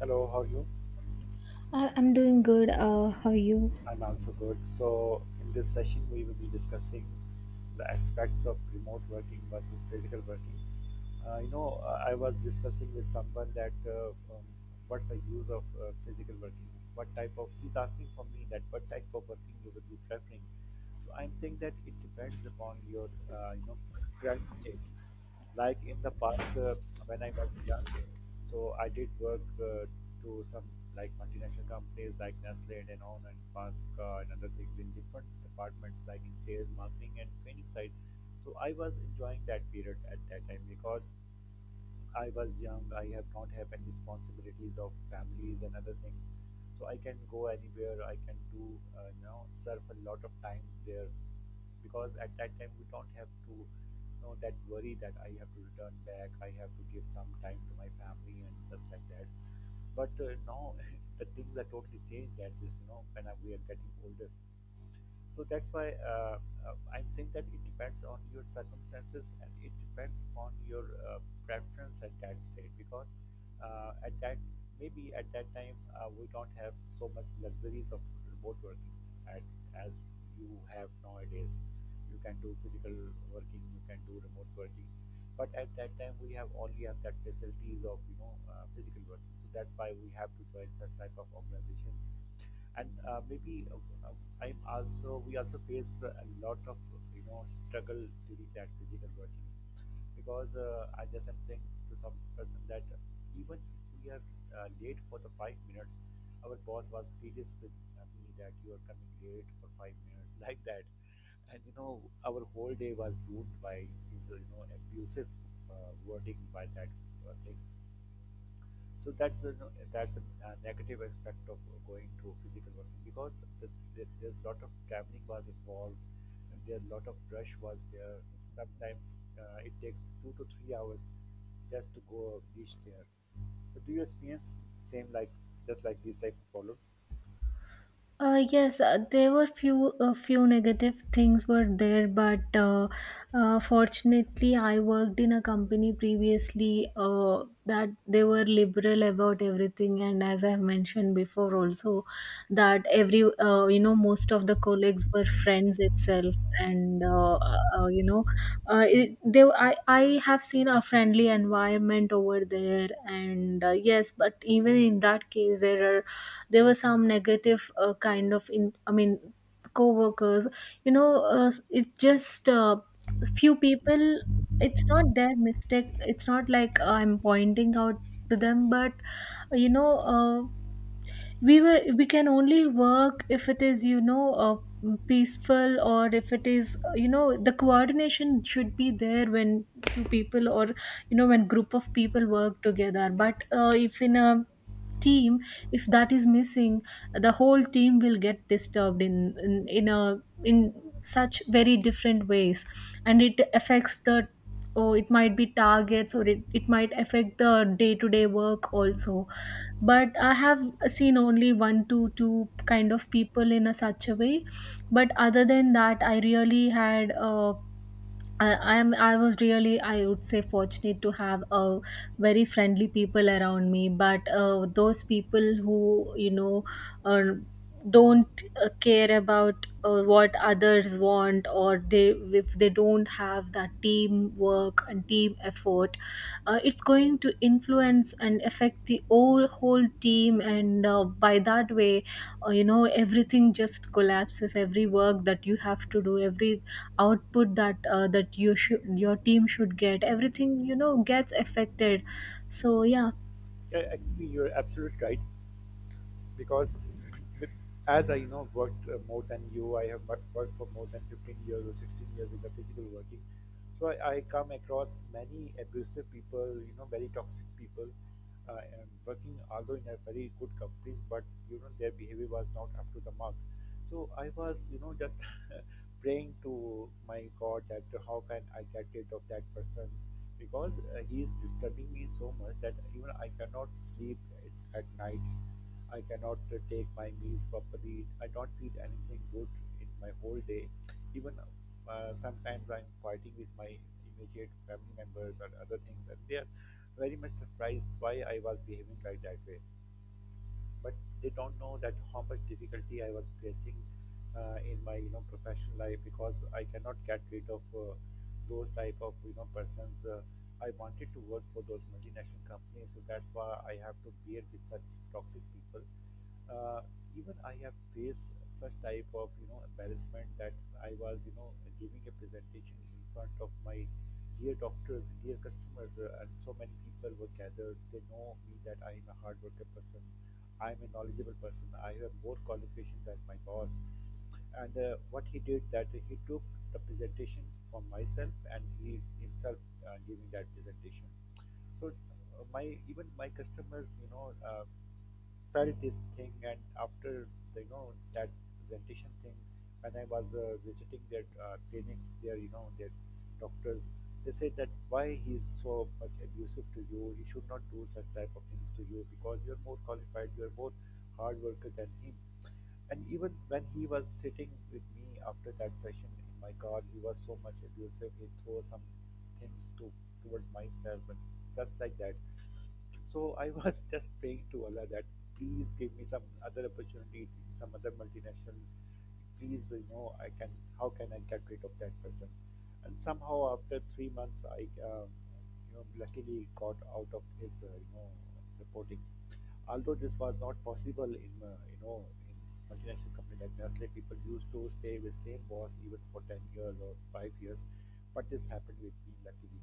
Hello, how are you? I'm doing good. How are you? I'm also good. So, in this session, we will be discussing the aspects of remote working versus physical working. I was discussing with someone that um, what's the use of physical working? He's asking for me that what type of working you would be preferring. So, I'm saying that it depends upon your, current state. Like in the past, when I was young, so I did work to some like multinational companies like Nestle, and Danone, and Pasca, and other things in different departments like in sales, marketing, and training side. So I was enjoying that period at that time because I was young, I have not have any responsibilities of families and other things. So I can go anywhere, I can do, surf a lot of time there because at that time we don't have to, you know, that worry that I have to return back, I have to give some time to my family and just like that. But now the things are totally changed at this, you know, when we are getting older, so that's why I'm saying that it depends on your circumstances and it depends on your preference at that stage because at that maybe at that time we don't have so much luxuries of remote working at, as you have nowadays. You can do physical working, you can do remote working, but at that time we have only have that facilities of physical working, so that's why we have to join such type of organizations. And maybe uh, I'm also we also face a lot of you know struggle during that physical working because I just am saying to some person that even if we are late for the 5 minutes, our boss was furious with me that you are coming late for 5 minutes like that, and you know our whole day was ruined by his you know abusive uh, wording by that thing. So that's a negative aspect of going to physical working because the, there's a lot of traveling was involved, and there a lot of rush was there. Sometimes it takes 2 to 3 hours just to go reach there. So do you experience same like just like these type of problems? Yes, there were few a few negative things were there, but fortunately, I worked in a company previously that they were liberal about everything, and as I've mentioned before, also that every most of the colleagues were friends itself, and I have seen a friendly environment over there. And yes, but even in that case there are there were some negative kind of in I mean co-workers, you know. It just Few people, it's not their mistake, it's not like I'm pointing out to them, but you know uh, we can only work if it is peaceful, or if it is, you know, the coordination should be there when two people, or you know, when group of people work together. But if in a team, if that is missing, the whole team will get disturbed in such very different ways, and it affects the — oh, it might be targets, or it might affect the day-to-day work also. But I have seen only one to two kind of people in a such a way. But other than that, I really had I, I'm I was really, I would say, fortunate to have a very friendly people around me. But those people who, you know, uh, don't care about what others want, or they, if they don't have that teamwork and team effort, it's going to influence and affect the whole team. And by that way, you know, everything just collapses. Every work that you have to do, every output that you should — your team should get — everything, you know, gets affected. So yeah. Yeah, actually, you're absolutely right, because be- as I you know worked more than you, I have worked for more than 15 years or 16 years in the physical working. So I come across many abusive people, you know, very toxic people, and working although in a very good companies, but you know their behavior was not up to the mark. So I was, you know, just praying to my God that how can I get rid of that person because he is disturbing me so much that even I cannot sleep at nights. I cannot take my meals properly. I don't feel anything good in my whole day. Even sometimes I'm fighting with my immediate family members and other things, and they are very much surprised why I was behaving like that way, but they don't know that how much difficulty I was facing in my you know professional life because I cannot get rid of those type of you know persons. I wanted to work for those multinational companies, so that's why I have to bear with such toxic people. Uh, even I have faced such type of you know embarrassment that I was you know giving a presentation in front of my dear doctors, dear customers, and so many people were gathered. They know me that I am a hard worker person. I am a knowledgeable person. I have more qualifications than my boss. And what he did that he took the presentation from myself and he himself giving that presentation. So my even my customers, you know, felt this thing, and after the, you know, that presentation thing, when I was visiting their clinics, their you know their doctors, they said that why he is so much abusive to you, he should not do such type of things to you because you're more qualified, you're more hard worker than him. And even when he was sitting with me after that session in my car, he was so much abusive, he threw some things to towards myself and just like that. So I was just praying to Allah that please give me some other opportunity, some other multinational. Please, you know, I can. How can I get rid of that person? And somehow, after 3 months, I, you know, luckily got out of his, reporting. Although this was not possible in, in multinational company like Nestle, people used to stay with same boss even for 10 years or 5 years, but this happened with me luckily.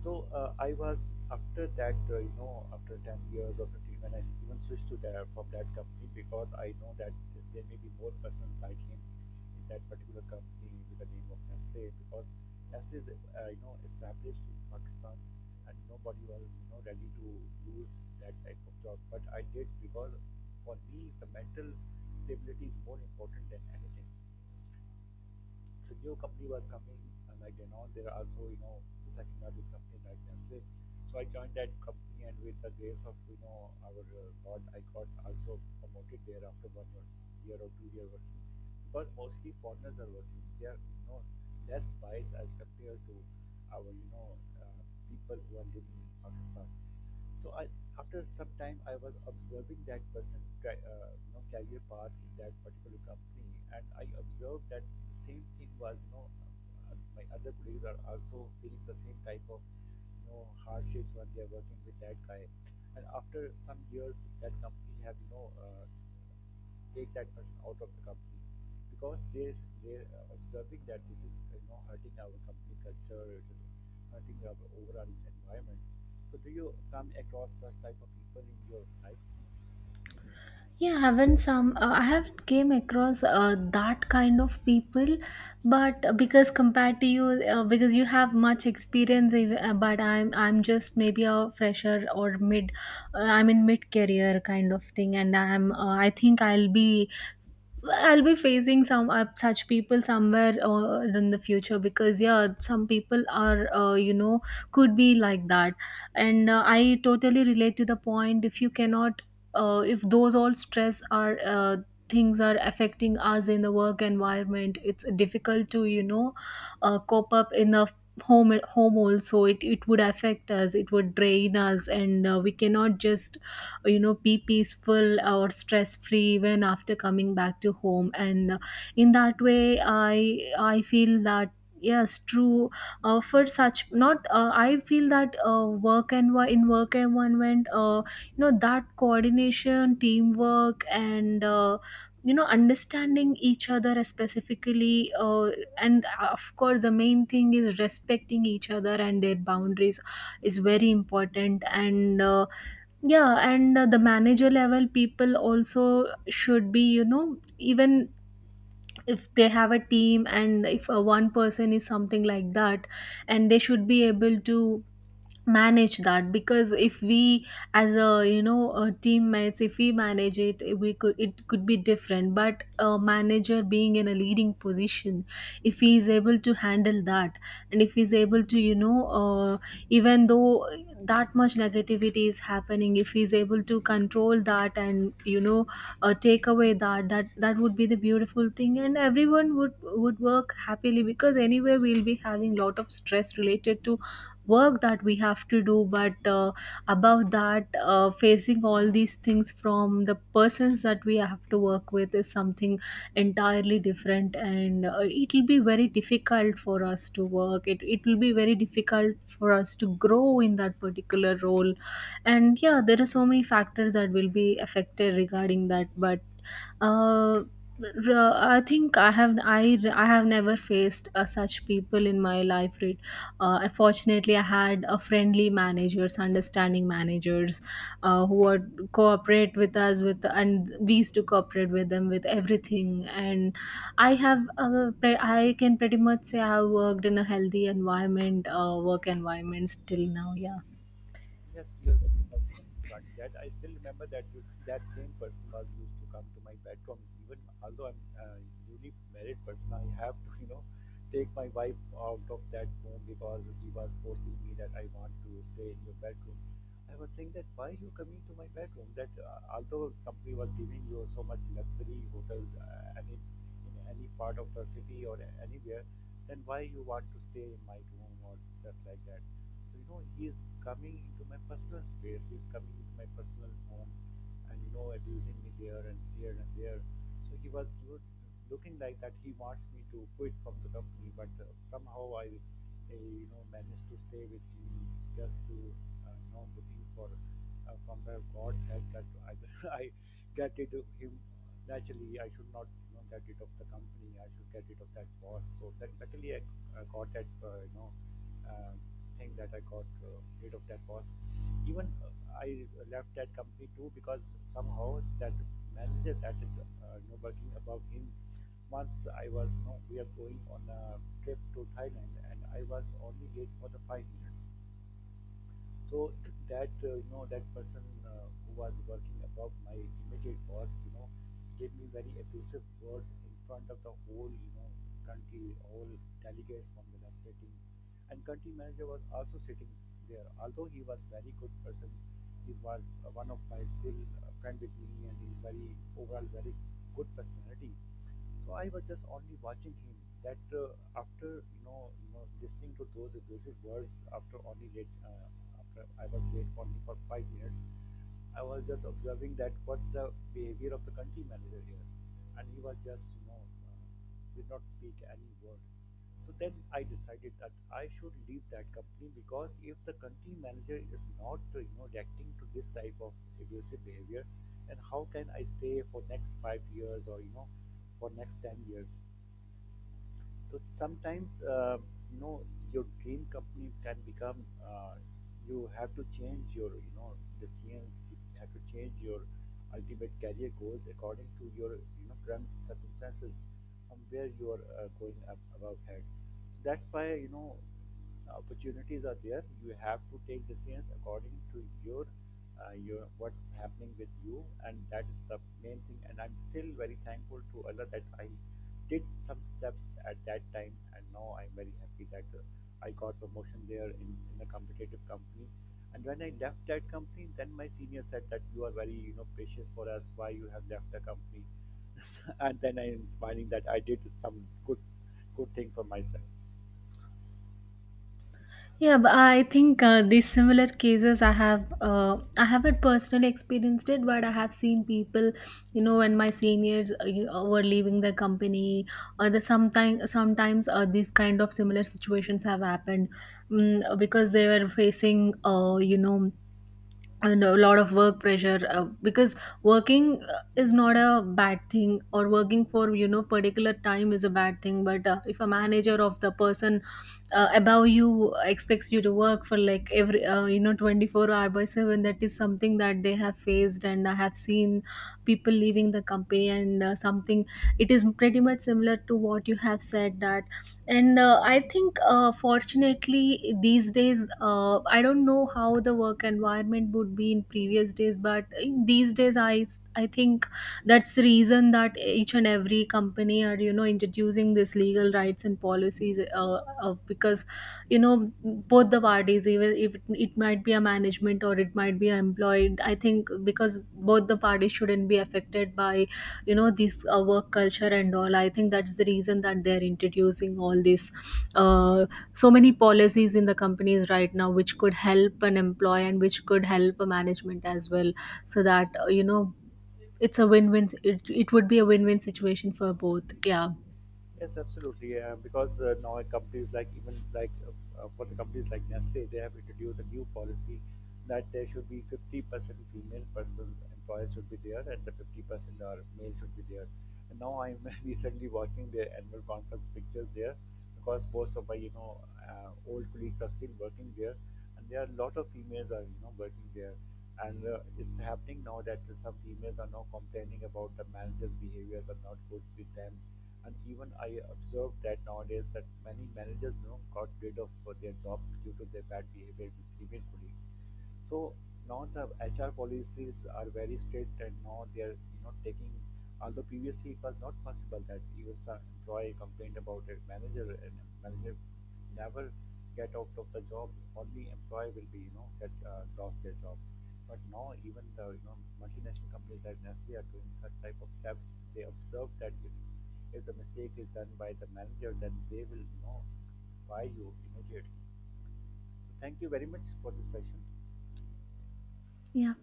So I was after that, after 10 years or 15, when I even switched to that from that company because I know that there may be more persons like him in that particular company with the name of Nestle because Nestle is, established in Pakistan, and nobody was, you know, ready to lose that type of job. But I did because for me, the mental stability is more important than anything. The new company was coming, like you know, there are also you know the second largest company like Nestle. So I joined that company, and with the grace of you know our God, I got also promoted there after 1 year, year or 2 year working. Because mostly foreigners are working, they are you know less biased as compared to our you know people who are living in Pakistan. So I, after some time, I was observing that person, you know, career path in that particular company, and I observed that the same thing was, you know, my other colleagues are also feeling the same type of, you know, hardships when they are working with that guy. And after some years, that company have, you know, take that person out of the company because they're observing that this is you know hurting our company culture, it is hurting our overall environment. So do you come across such type of people in your life? Yeah, I haven't came across that kind of people. But because compared to you, because you have much experience, but I'm just maybe a fresher, or mid, I'm in mid career kind of thing, and I think I'll be facing some such people somewhere in the future. Because yeah, some people are, you know, could be like that, and I totally relate to the point. If you cannot, if those all stress are things are affecting us in the work environment, it's difficult to, you know, cope up in the home also. It would affect us. It would drain us, and we cannot just, you know, be peaceful or stress free even after coming back to home. And in that way I feel that, yes, true. Uh, for such not uh, i feel that work and in work environment, you know, that coordination, teamwork, and you know, understanding each other specifically, and of course, the main thing is respecting each other and their boundaries is very important. And yeah, and the manager level people also should be, you know, even if they have a team, and if one person is something like that, and they should be able to manage that. Because if we, as a, you know, a teammates, if we manage it, we could — it could be different. But a manager being in a leading position, if he is able to handle that, and if he's able to, you know, even though that much negativity is happening, if he's able to control that, and you know, take away that — that would be the beautiful thing, and everyone would work happily. Because anyway, we'll be having lot of stress related to work that we have to do. But above that, facing all these things from the persons that we have to work with is something entirely different. And it will be very difficult for us to work. It will be very difficult for us to grow in that particular role. And yeah, there are so many factors that will be affected regarding that. But uh I think I have never faced such people in my life. Right? Unfortunately, I had a friendly managers, understanding managers, who would cooperate with us with, and we used to cooperate with them with everything. And I have I can pretty much say I have worked in a healthy environment, work environments till now. Yeah. Yes, you're very fortunate regarding that. I still remember that that same person was used to come to my bedroom. Even although I'm a newly married person, I have to, you know, take my wife out of that room because he was forcing me that I want to stay in your bedroom. I was saying that why you coming to my bedroom? That although company was giving you so much luxury hotels, any in any part of the city or anywhere, then why you want to stay in my room or just like that? So, you know, he is coming into my personal space, he is coming into my personal home and, you know, abusing me there and here and there. So, he was looking like that he wants me to quit from the company, but somehow I, you know, managed to stay with him just to, you know, looking for from the God's help that either I get rid of him naturally. I should not, you know, get rid of the company. I should get rid of that boss. So that luckily I got that, thing that I got rid of that boss. Even I left that company too because somehow that manager that is you know, working above him. Once I was, you know, we are going on a trip to Thailand, and I was only late for the 5 minutes. So that you know that person who was working above my immediate boss, you know, gave me very abusive words in front of the whole you know country, all delegates from the legislating, and country manager was also sitting there. Although he was very good person, he was one of my still friend with me, and he's very overall very good personality. So I was just only watching him. That after you know, listening to those abusive words after only late after I was late only for 5 minutes, I was just observing that what's the behavior of the country manager here, and he was just you know uh, did not speak any word. So then I decided that I should leave that company because if the country manager is not, reacting to this type of abusive behavior, then how can I stay for next 5 years or you know, for next 10 years? So sometimes, you know, your dream company can become. You have to change your, you know, decisions. You have to change your ultimate career goals according to your, you know, current circumstances, from where you are going up about head. So that's why you know opportunities are there. You have to take decisions according to your what's happening with you, and that is the main thing. And I'm still very thankful to Allah that I did some steps at that time, and now I'm very happy that I got promotion there in a competitive company, and when I left that company then my senior said that you are very you know precious for us, why you have left the company. And then I am smiling that I did some good thing for myself. Yeah, but I think these similar cases I have I haven't personally experienced it, but I have seen people, you know, when my seniors were leaving the company, or the sometimes these kind of similar situations have happened. Mm, because they were facing, you know, and a lot of work pressure because working is not a bad thing, or working for, you know, particular time is a bad thing. But if a manager of the person above you expects you to work for like every you know, 24-hour by 7, that is something that they have faced, and I have seen people leaving the company. And something, it is pretty much similar to what you have said. That, and I think fortunately these days, I don't know how the work environment would be in previous days, but in these days, I think that's the reason that each and every company are, you know, introducing this legal rights and policies, because you know, both the parties, even if it might be a management, or it might be an employee. I think because both the parties shouldn't be affected by, you know, this work culture and all. I think that's the reason that they're introducing all these uh, so many policies in the companies right now, which could help an employee and which could help a management as well. So that you know, it's a win-win. It would be a win-win situation for both. Yeah. Yes, absolutely. Because now companies like even like for the companies like Nestle, they have introduced a new policy that there should be 50% female person employees should be there and the 50% are male should be there. And now I'm recently watching their annual conference pictures there because most of my you know old colleagues are still working there, and there are a lot of females are you know working there, and it's happening now that some females are now complaining about the managers behaviors are not good with them, and even I observed that nowadays that many managers you know got rid of their jobs due to their bad behavior with female colleagues. So now the HR policies are very strict, and now they are you know taking. Although previously it was not possible that even the employee complained about it, manager never get out of the job. Only employee will be you know get lost their job. But now even the you know multinational companies like Nestle are doing such type of steps. They observe that if the mistake is done by the manager, then they will you know fire you immediately. So thank you very much for this session. Yeah.